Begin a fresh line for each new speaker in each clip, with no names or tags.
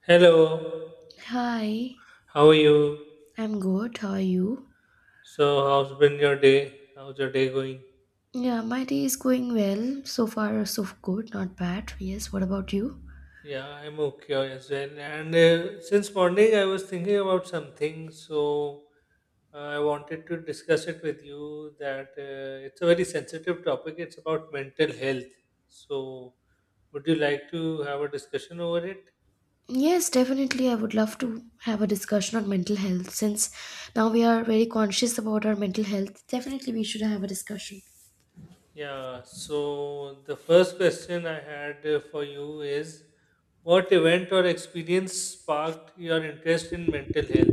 Hello,
Hi,
how are you?
I'm good. How are you?
So, how's been your day? How's your day going?
Yeah, my day is going well. So far, so good. Not bad. Yes, what about you?
Yeah, I'm okay as well. And since morning, I was thinking about something, so I wanted to discuss it with you. That it's a very sensitive topic. It's about mental health. So, would you like to have a discussion over it?
Yes, definitely. I would love to have a discussion on mental health since now we are very conscious about our mental health. Definitely, we should have a discussion.
Yeah, so the first question I had for you is what event or experience sparked your interest in mental health?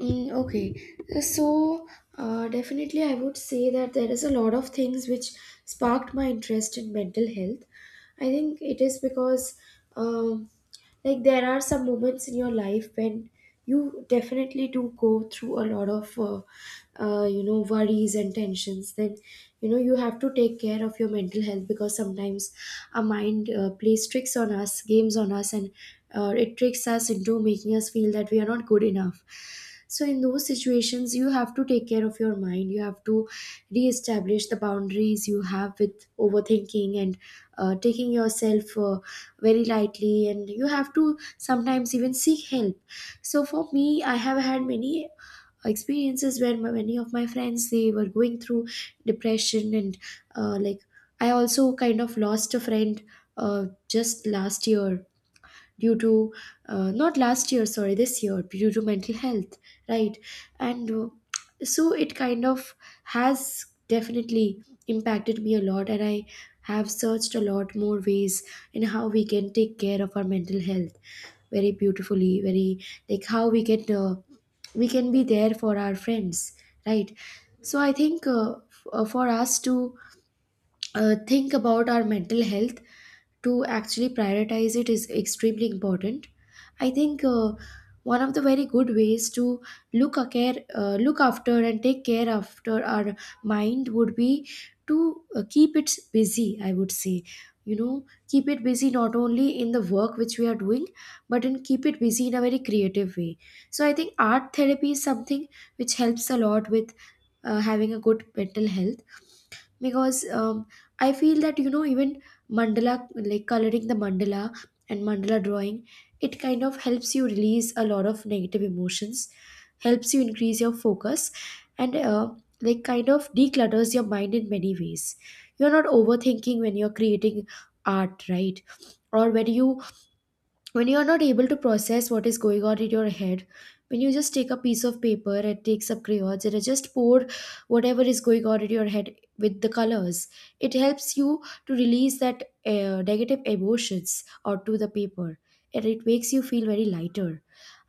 Mm, okay, so definitely, I would say that there is a lot of things which sparked my interest in mental health. I think it is because. um like there are some moments in your life when you definitely do go through a lot of you know, worries and tensions. Then you know you have to take care of your mental health because sometimes our mind plays tricks on us, games on us, and it tricks us into making us feel that we are not good enough. So in those situations you have to take care of your mind. You have to reestablish the boundaries you have with overthinking and taking yourself very lightly, and you have to sometimes even seek help. So for me, I have had many experiences where many of my friends, they were going through depression, and like I also kind of lost a friend just last year, due to not last year, sorry, this year, due to mental health. Right. And so it kind of has definitely impacted me a lot, and I have searched a lot more ways in how we can take care of our mental health very beautifully, very like how we can be there for our friends. Right. So I think for us to think about our mental health, to actually prioritize it, is extremely important. I think one of the very good ways to look after and take care after our mind would be to keep it busy. I would say, you know, keep it busy not only in the work which we are doing, but in keep it busy in a very creative way. So I think art therapy is something which helps a lot with having a good mental health, because I feel that, you know, even mandala, like coloring the mandala and mandala drawing, it kind of helps you release a lot of negative emotions, helps you increase your focus, and like kind of declutters your mind in many ways. You're not overthinking when you're creating art, right? Or when you are not able to process what is going on in your head, when you just take a piece of paper and take some crayons and just pour whatever is going on in your head with the colors, it helps you to release that negative emotions onto the paper, and it makes you feel very lighter.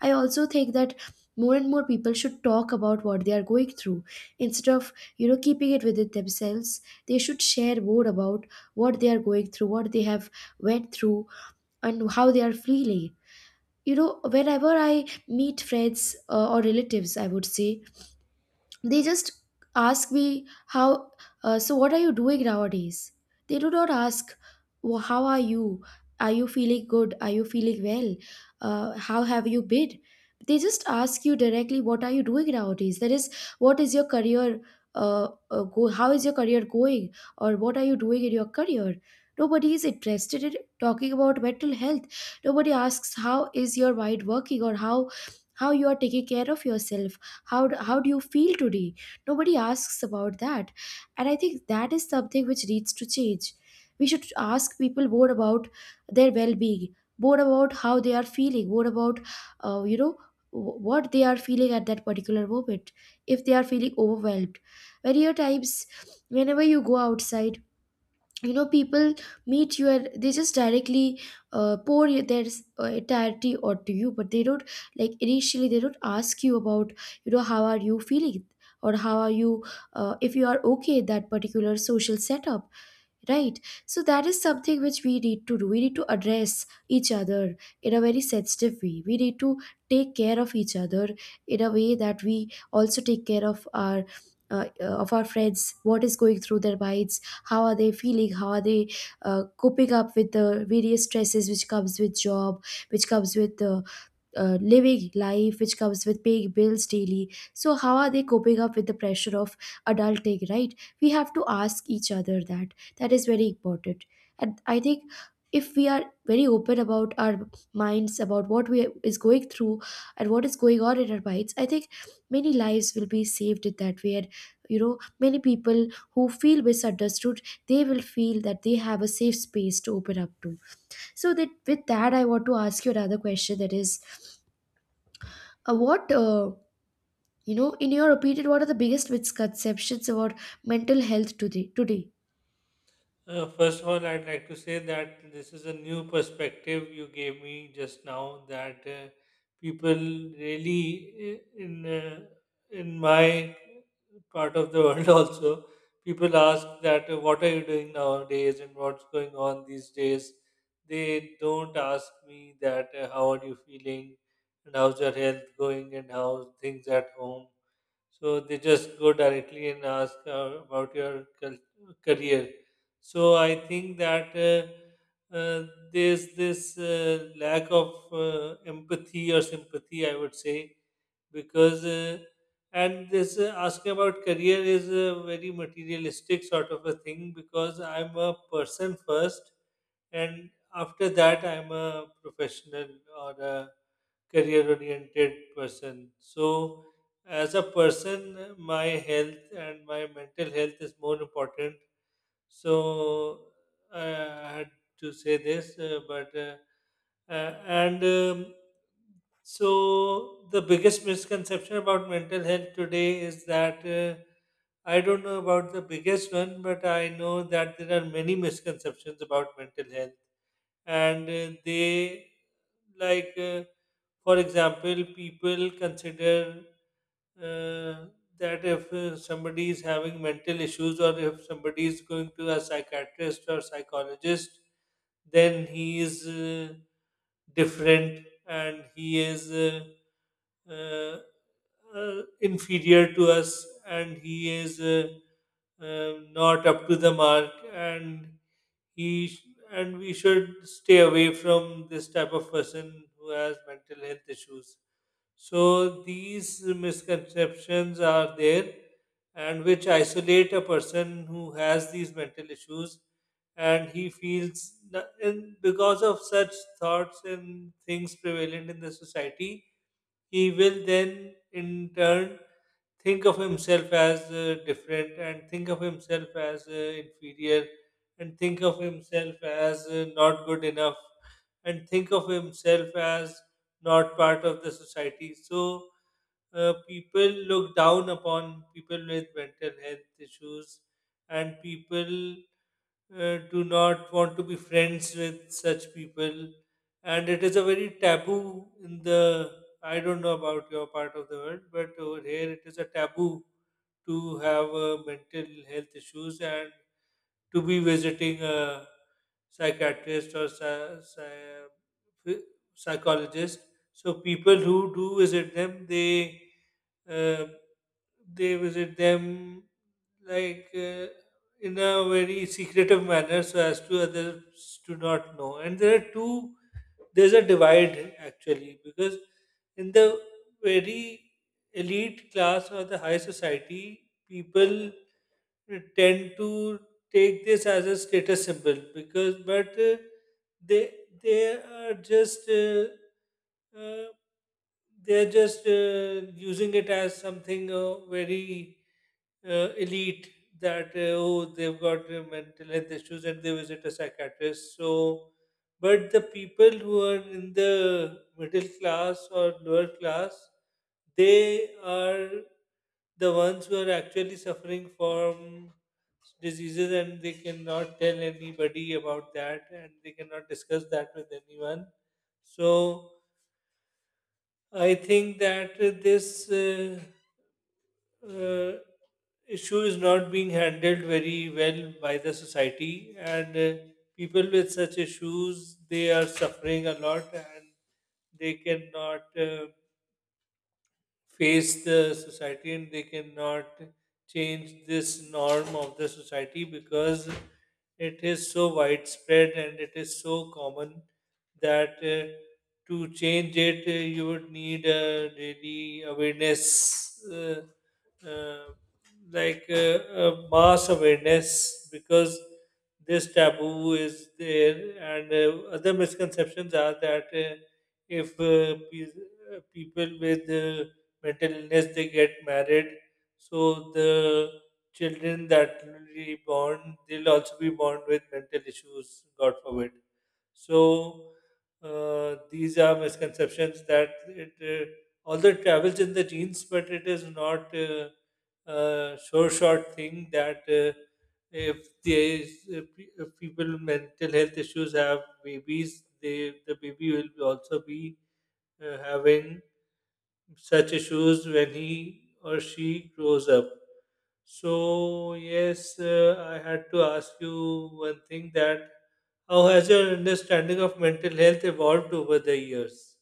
I also think that more and more people should talk about what they are going through instead of, you know, keeping it within themselves. They should share more about what they are going through, what they have went through, and how they are feeling. You know, whenever I meet friends or relatives, I would say, they just ask me how so what are you doing nowadays. They do not ask, well, how are you, are you feeling good, are you feeling well, how have you been. They just ask you directly what are you doing nowadays, that is, what is your career, how is your career going, or what are you doing in your career. Nobody is interested in talking about mental health. Nobody asks how is your mind working, or how you are taking care of yourself, how do you feel today. Nobody asks about that. And I think that is something which needs to change. We should ask people more about their well-being, more about how they are feeling, more about you know, what they are feeling at that particular moment, if they are feeling overwhelmed. Many a times, whenever you go outside, you know, people meet you and they just directly pour their entirety onto you, but they don't, like, initially they don't ask you about, you know, how are you feeling, or how are you, if you are okay in that particular social setup. Right. So that is something which we need to do. We need to address each other in a very sensitive way. We need to take care of each other in a way that we also take care of our friends. What is going through their minds? How are they feeling? How are they coping up with the various stresses which comes with job, which comes with living life, which comes with paying bills daily. So how are they coping up with the pressure of adulting, right? We have to ask each other that. That is very important. And I think if we are very open about our minds, about what we is going through and what is going on in our minds, I think many lives will be saved in that way. And you know, many people who feel misunderstood, they will feel that they have a safe space to open up to. So that with that, I want to ask you another question, that is, uh, what, uh, you know, in your opinion, what are the biggest misconceptions about mental health today?
First of all, I'd like to say that this is a new perspective you gave me just now, that people really i- in uh, in my part of the world also people ask that what are you doing nowadays and what's going on these days. They don't ask me that how are you feeling, and how's your health going, and how things at home, so they just go directly and ask about your career. So I think that there's this lack of empathy or sympathy, I would say, because and this asking about career is a very materialistic sort of a thing, because I'm a person first, and after that I'm a professional or a career oriented person. So, as a person, my health and my mental health is more important. So, I had to say this, but uh, and so the biggest misconception about mental health today is that I don't know about the biggest one, but I know that there are many misconceptions about mental health. And they like for example, people consider uh, that if somebody is having mental issues, or if somebody is going to a psychiatrist or psychologist, then he is different, and he is uh, inferior to us, and he is not up to the mark, and he sh- and we should stay away from this type of person who has mental health issues. So these misconceptions are there, and which isolate a person who has these mental issues, and and because of such thoughts and things prevalent in the society, he will then in turn think of himself as different, and think of himself as inferior, and think of himself as not good enough, and think of himself as not part of the society. So people look down upon people with mental health issues, and people do not want to be friends with such people. And it is a very taboo in the. I don't know about your part of the world, but over here it is a taboo to have mental health issues, and to be visiting a psychiatrist or ph- psychologist. So people who do visit them, they uh, they visit them, like in a very secretive manner, so as to others to not know. And there are two there's a divide, actually, because in the very elite class or the high society, people tend to take this as a status symbol, because, but they they are just uh, they're just using it as something very elite, that oh, they've got mental health issues and they visit a psychiatrist. So, but the people who are in the middle class or lower class, they are the ones who are actually suffering from diseases, and they cannot tell anybody about that, and they cannot discuss that with anyone. So I think that this uh, issue is not being handled very well by the society, and people with such issues, they are suffering a lot, and they cannot face the society, and they cannot change this norm of the society, because it is so widespread and it is so common, that to change it, you would need a really awareness, uh, like uh, mass awareness, because this taboo is there. And other misconceptions are that if people with mental illness, they get married, so the children that will be born, they'll also be born with mental issues. God forbid. So these are misconceptions, that it, although it travels in the genes, but it is not a sure shot thing, that if there is, if, if people with mental health issues have babies, the baby will also be having such issues when he or she grows up. So yes, I had to ask you one thing: that how has your understanding of mental health evolved over the years?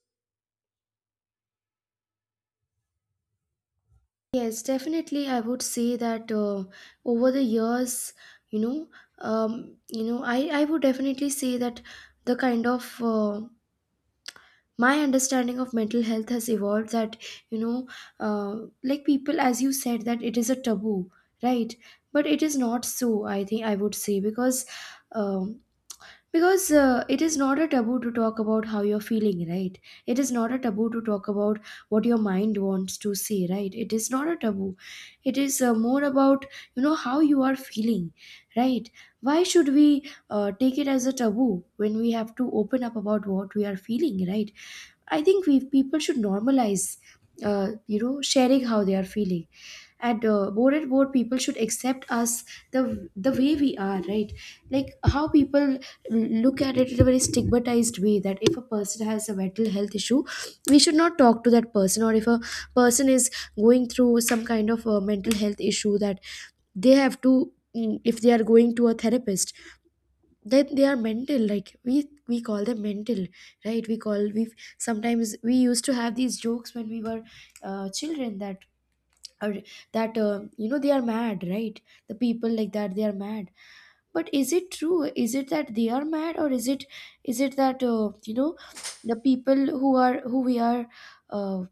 Yes, definitely. I would say that over the years, you know, you know, I would definitely say that the kind of my understanding of mental health has evolved. That, you know, like people, as you said, that it is a taboo, right? But it is not so. I think I would say um, because it is not a taboo to talk about how you're feeling, right? It is not a taboo to talk about what your mind wants to say, right? It is not a taboo. It is more about, you know, how you are feeling, right? Why should we take it as a taboo when we have to open up about what we are feeling, right? I think we people should normalize, you know, sharing how they are feeling. And more and more people should accept us the way we are, right? Like, how people look at it in a very stigmatized way, that if a person has a mental health issue, we should not talk to that person, or if a person is going through some kind of a mental health issue, that they have to if they are going to a therapist, then they are mental, like we call them mental, right? we call we Sometimes we used to have these jokes when we were children, are that you know, they are mad, right? The people like that, they are mad. But is it true? Is it that they are mad, or is it, is it that you know, the people who are, who we are, uh,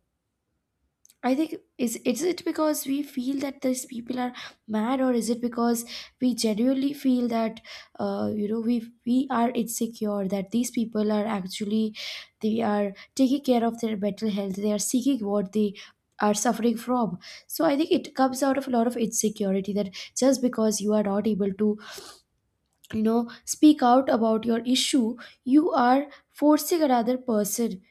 I think, is it because we feel that these people are mad, or is it because we genuinely feel that you know, we are insecure that these people are actually, they are taking care of their mental health, they are seeking what they are suffering from. So I think it comes out of a lot of insecurity, that just because you are not able to, you know, speak out about your issue, you are forcing another person,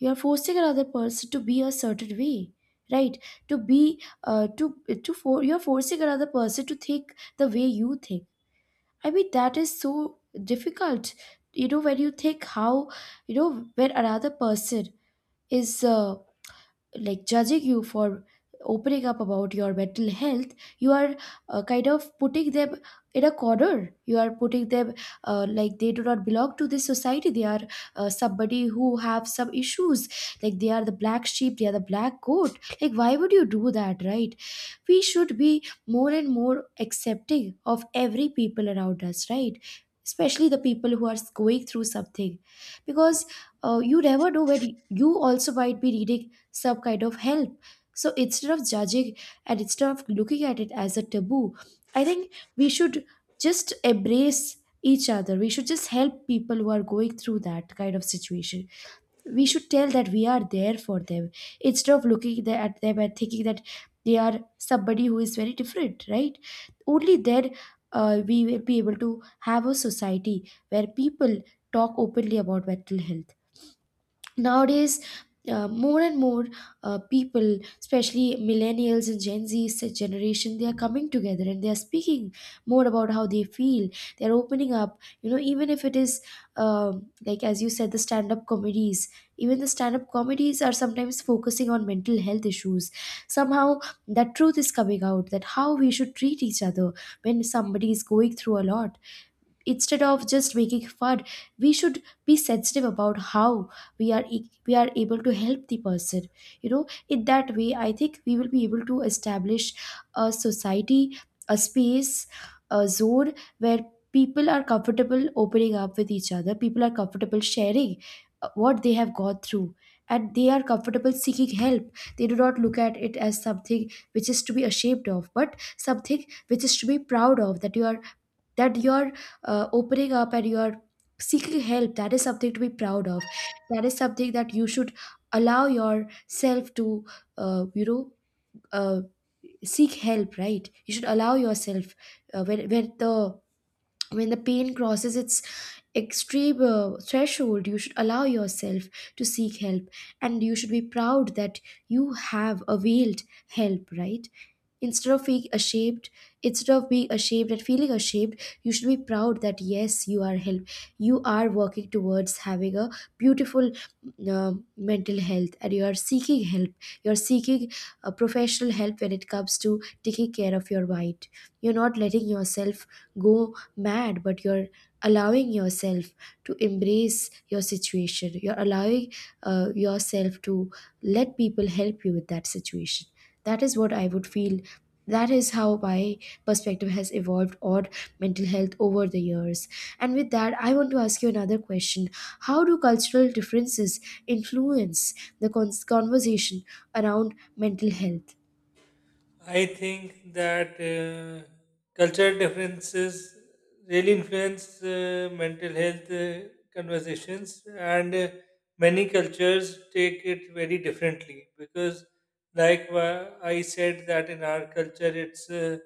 you are forcing another person to be a certain way, right? to be to for You're forcing another person to think the way you think. I mean, that is so difficult. You know, when you think, how, you know, when another person is like, judging you for opening up about your mental health, you are kind of putting them in a corner. You are putting them like, they do not belong to this society, they are somebody who have some issues, like they are the black sheep, they are the black goat. Like, why would you do that, right? We should be more and more accepting of every people around us, right? Especially the people who are going through something, because you never know when you also might be reading some kind of help. So instead of judging and instead of looking at it as a taboo, I think we should just embrace each other. We should just help people who are going through that kind of situation. We should tell that we are there for them, instead of looking at them and thinking that they are somebody who is very different, right? Only then we will be able to have a society where people talk openly about mental health nowadays. More and more people, especially millennials and generation, they are coming together and they are speaking more about how they feel. They are opening up, you know, even if it is like as you said, the stand up comedies. Even the stand up comedies are sometimes focusing on mental health issues. Somehow that truth is coming out, that how we should treat each other when somebody is going through a lot. Instead of just making fun, we should be sensitive about how we are we are able to help the person. You know, in that way I think we will be able to establish a society, a space, a zone where people are comfortable opening up with each other, people are comfortable sharing what they have gone through, and they are comfortable seeking help. They do not look at it as something which is to be ashamed of, but something which is to be proud of, that you are that you're opening up and you're seeking help. That is something to be proud of. That is something that you should allow yourself to, uh, you know uh, seek help, right? You should allow yourself, uh, when, when the when the pain crosses its extreme threshold, you should allow yourself to seek help, and you should be proud that you have availed help, right? Instead of being ashamed, instead of being ashamed and feeling ashamed, you should be proud that yes, you are help, you are working towards having a beautiful mental health, and you are seeking help. You are seeking professional help when it comes to taking care of your bite. You're not letting yourself go mad, but you're allowing yourself to embrace your situation. You're allowing yourself to let people help you with that situation. That is what I would feel. That is how my perspective has evolved on mental health over the years. And with that, I want to ask you another question. How do cultural differences influence the conversation around mental health?
I think that cultural differences really influence mental health conversations, and many cultures take it very differently because, like, I said, that in our culture it's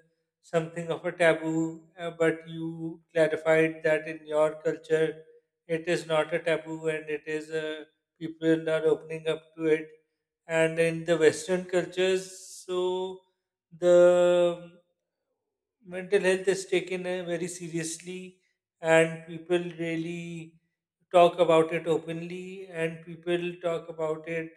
something of a taboo, but you clarified that in your culture it is not a taboo, and it is people are opening up to it. And in the western cultures, so the mental health is taken very seriously, and people really talk about it openly, and people talk about it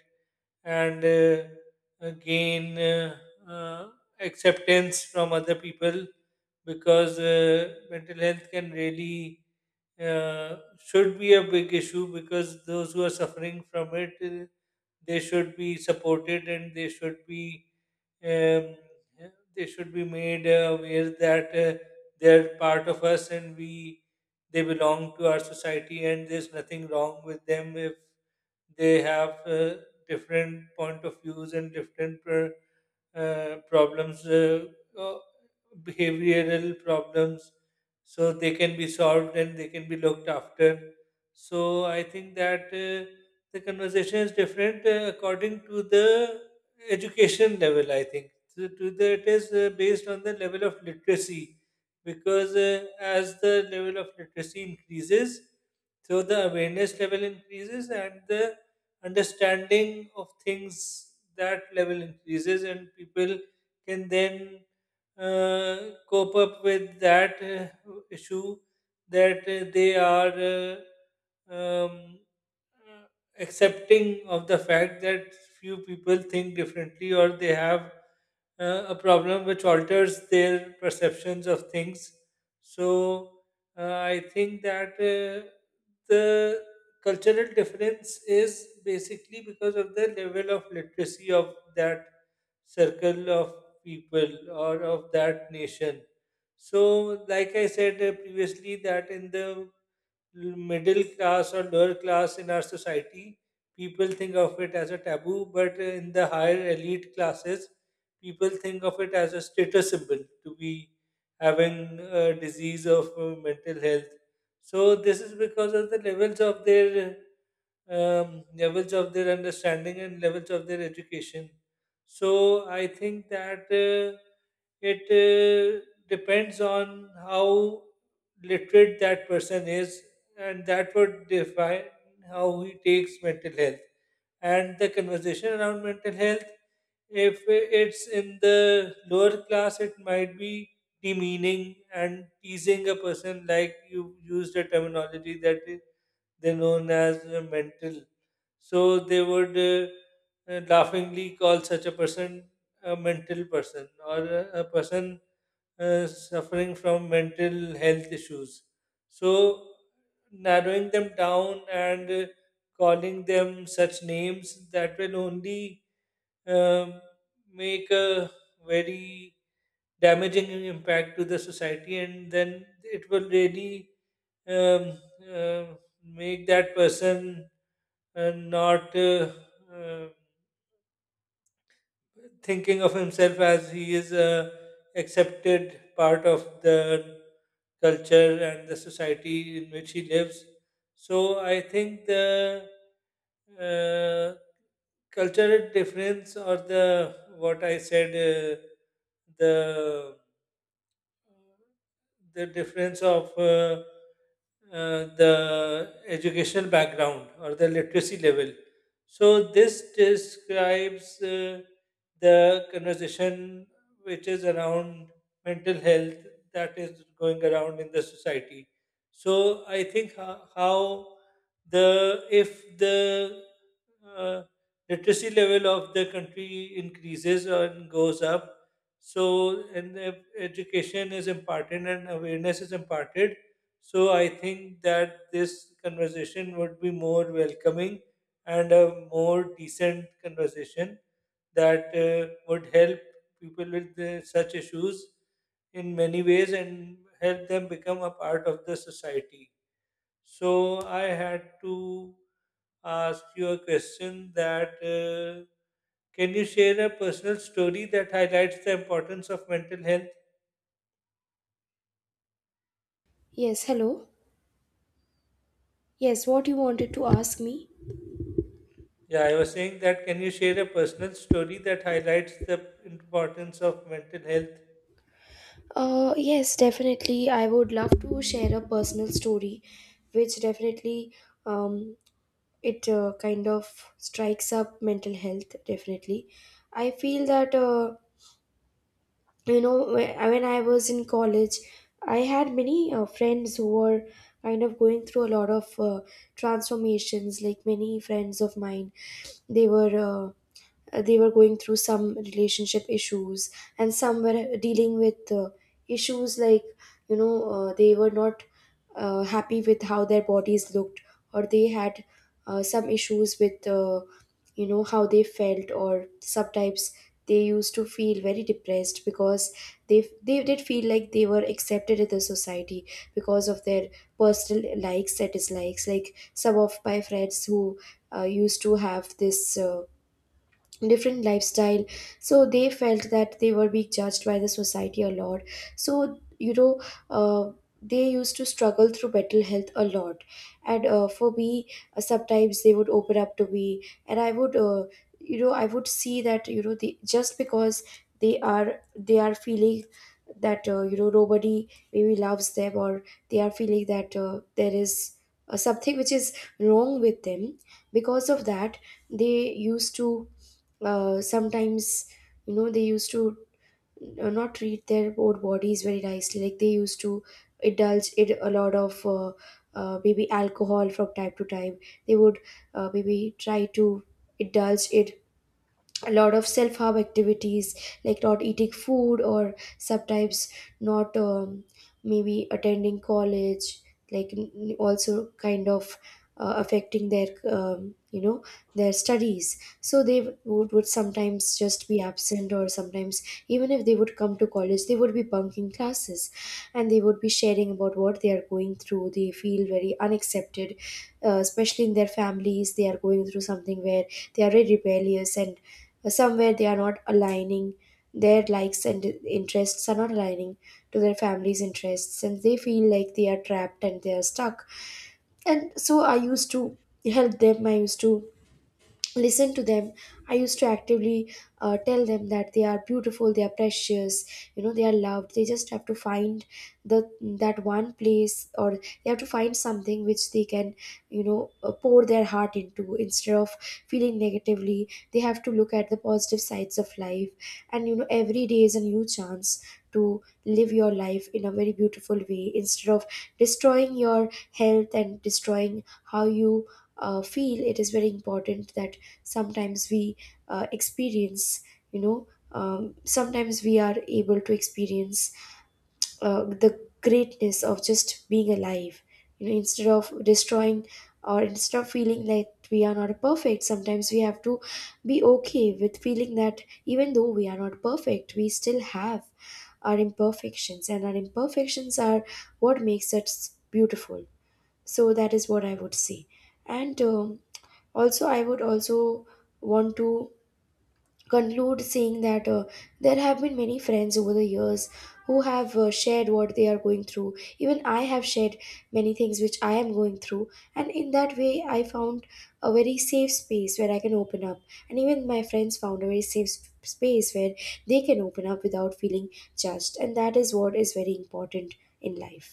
and gain uh, acceptance from other people, because mental health can really uh, should be a big issue, because those who are suffering from it, they should be supported, and um, they should be made aware that they're part of us, and we they belong to our society, and there's nothing wrong with them if they have different point of views, and problems, uh, behavioral problems, so they can be solved and they can be looked after. So I think that the conversation is different according to the education level. I think so. To the, it is based on the level of literacy, because as the level of literacy increases, so the awareness level increases, and the understanding of things, that level increases, and people can then cope up with that issue, that they are uh, um, uh, accepting of the fact that few people think differently, or they have a problem which alters their perceptions of things. So I think that the cultural difference is basically because of the level of literacy of that circle of people or of that nation. So, like I said previously, that in the middle class or lower class in our society, people think of it as a taboo, but in the higher elite classes, people think of it as a status symbol to be having a disease of mental health. So, this is because of the levels of their understanding and levels of their education. So I think that it depends on how literate that person is, and that would define how he takes mental health. And the conversation around mental health, if it's in the lower class, it might be demeaning and teasing a person, like you used a terminology, that is they're known as mental. So they would laughingly call such a person a mental person, or a person suffering from mental health issues. So, narrowing them down, and calling them such names, that will only um, make a very damaging impact to the society, and then it will really um, uh, make that person not uh, thinking of himself as he is a accepted part of the culture and the society in which he lives. So I think the uh, cultural difference, or the, what I said, the difference of the educational background or the literacy level. So this describes the conversation which is around mental health, that is going around in the society. So I think how the if the uh, literacy level of the country increases and goes up, so, and if education is imparted and awareness is imparted, so I think that this conversation would be more welcoming and a more decent conversation that would help people with such issues in many ways, and help them become a part of the society. So I had to ask you a question, that can you share a personal story that highlights the importance of mental health?
Yes, hello. Yes, what you wanted to ask me?
Yeah, I was saying that. Can you share a personal story that highlights the importance of mental health?
Yes, definitely. I would love to share a personal story, which definitely um, it kind of strikes up mental health. Definitely, I feel that. You know, when I was in college, I had many friends who were kind of going through a lot of transformations. Like many friends of mine, they were uh, they were going through some relationship issues, and some were dealing with issues like, you know, they were not happy with how their bodies looked, or they had some issues with, you know, how they felt. Or sometimes they used to feel very depressed because they did feel like they were accepted in the society because of their personal likes and dislikes. Like some of my friends who used to have this different lifestyle, so they felt that they were being judged by the society a lot. So you know, uh, they used to struggle through mental health a lot. And for me, sometimes they would open up to me, and I would, you know, I would see that, you know, just because they are feeling that, you know, nobody maybe loves them, or they are feeling that there is something which is wrong with them. Because of that, they used to sometimes, you know, they used to not treat their own bodies very nicely. Like they used to indulge in a lot of maybe alcohol from time to time. They would maybe try to indulge in a lot of self-harm activities, like not eating food, or sometimes not maybe attending college, like also kind of affecting their, you know, their studies. So would sometimes just be absent, or sometimes even if they would come to college, they would be bunking classes. And they would be sharing about what they are going through. They feel very unaccepted, especially in their families. They are going through something where they are very rebellious, and somewhere they are not aligning, their likes and interests are not aligning to their family's interests, and they feel like they are trapped and they are stuck. And so I used to help them, I used to listen to them. I used to actively tell them that they are beautiful, they are precious, you know, they are loved. They just have to find the that one place, or they have to find something which they can, you know, pour their heart into, instead of feeling negatively. They have to look at the positive sides of life, and you know, every day is a new chance to live your life in a very beautiful way, instead of destroying your health and destroying how you feel. It is very important that sometimes we experience, you know, sometimes we are able to experience the greatness of just being alive, you know, instead of destroying, or instead of feeling like we are not perfect. Sometimes we have to be okay with feeling that even though we are not perfect, we still have our imperfections, and our imperfections are what makes us beautiful. So that is what I would say. And also, I would also want to conclude saying that there have been many friends over the years who have shared what they are going through. Even I have shared many things which I am going through, and in that way I found a very safe space where I can open up. And even my friends found a very safe space where they can open up without feeling judged. And that is what is very important in life,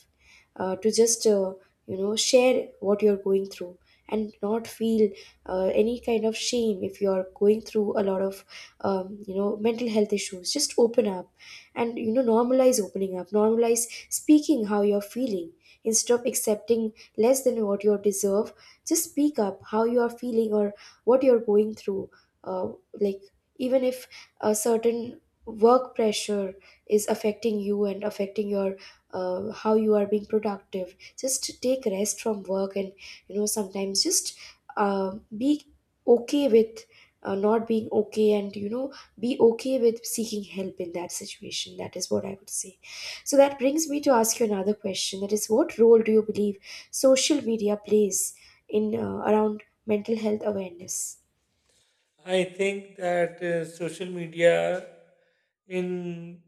to just, you know, share what you're going through, and not feel any kind of shame. If you are going through a lot of, you know, mental health issues, just open up, and you know, normalize opening up, normalize speaking how you're feeling, instead of accepting less than what you deserve. Just speak up how you are feeling, or what you're going through, uh, like, even if a certain work pressure is affecting you and affecting your, how you are being productive, just take rest from work. And you know, sometimes just be okay with not being okay, and you know, be okay with seeking help in that situation. That is what I would say. So that brings me to ask you another question, that is, what role do you believe social media plays in around mental health awareness?
I think that social media, in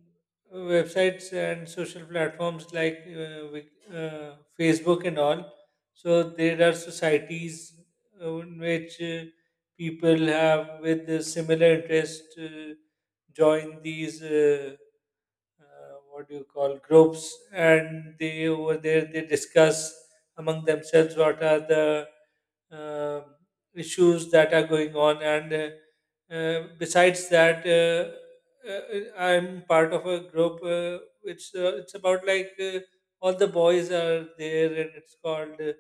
websites and social platforms like Facebook and all. So there are societies in which people have with the similar interest join these what do you call groups, and they over there they discuss among themselves what are the um issues that are going on. And besides that, I'm part of a group. It's about, like all the boys are there, and it's called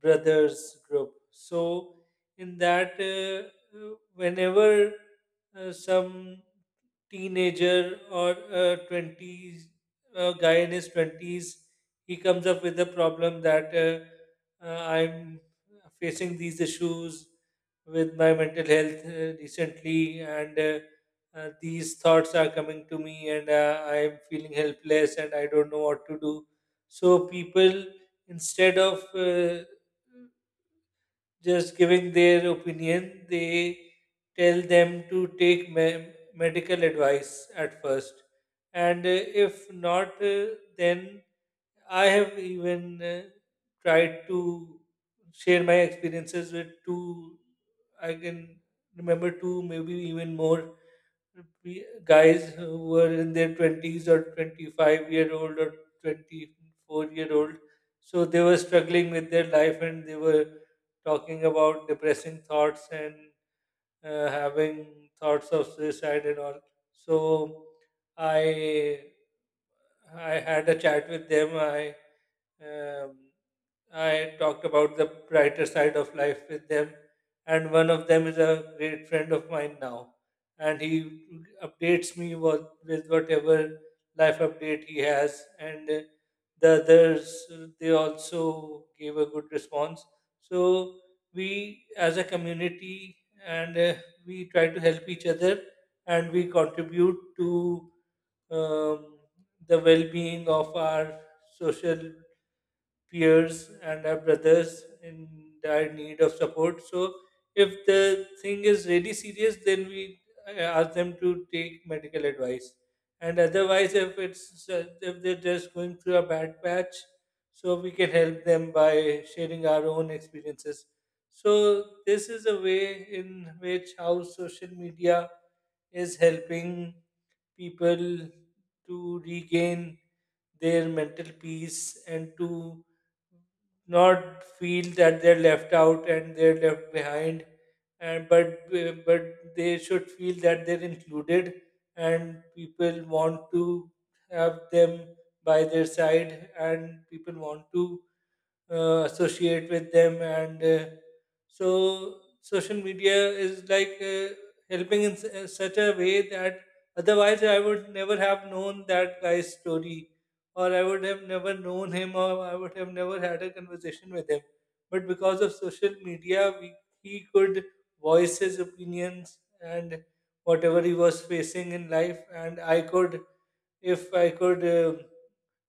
Brothers Group. So in that, whenever some teenager or a 20s, a guy in his 20s, he comes up with the problem that I'm facing these issues with my mental health recently, and these thoughts are coming to me, and I'm feeling helpless and I don't know what to do. So people, instead of uh, just giving their opinion, they tell them to take medical advice at first. And if not, then I have even tried to share my experiences with two, I can remember two, maybe even more guys who were in their 20s, or 25-year old, or 24-year old. So they were struggling with their life, and they were talking about depressing thoughts and having thoughts of suicide and all. So i I had a chat with them. I um, I talked about the brighter side of life with them, and one of them is a great friend of mine now, and he updates me with, whatever life update he has. And the others, they also gave a good response. So we, as a community, and we try to help each other, and we contribute to um, the well-being of our social peers and our brothers in dire need of support. So, if the thing is really serious, then we ask them to take medical advice. And otherwise, if they're just going through a bad patch, so we can help them by sharing our own experiences. So this is a way in which how social media is helping people to regain their mental peace, and to not feel that they're left out and they're left behind, and, but but they should feel that they're included, and people want to have them by their side, and people want to associate with them. And so social media is like helping in such a way, that otherwise I would never have known that guy's story, or I would have never known him, or I would have never had a conversation with him. But because of social media, he could voice his opinions and whatever he was facing in life. And I could if I could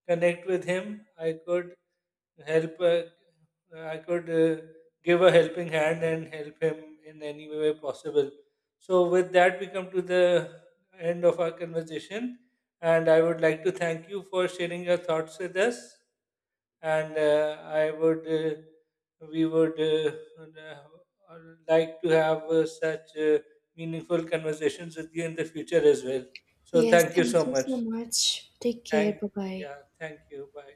connect with him, I could help, I could give a helping hand and help him in any way possible. So with that, we come to the end of our conversation, and I would like to thank you for sharing your thoughts with us. And I would we would uh, like to have such meaningful conversations with you in the future as well. So
Yes,
thank you
thank
so
you
much.
so much. Take care.
Thank
Bye bye.
Yeah, thank you. Bye.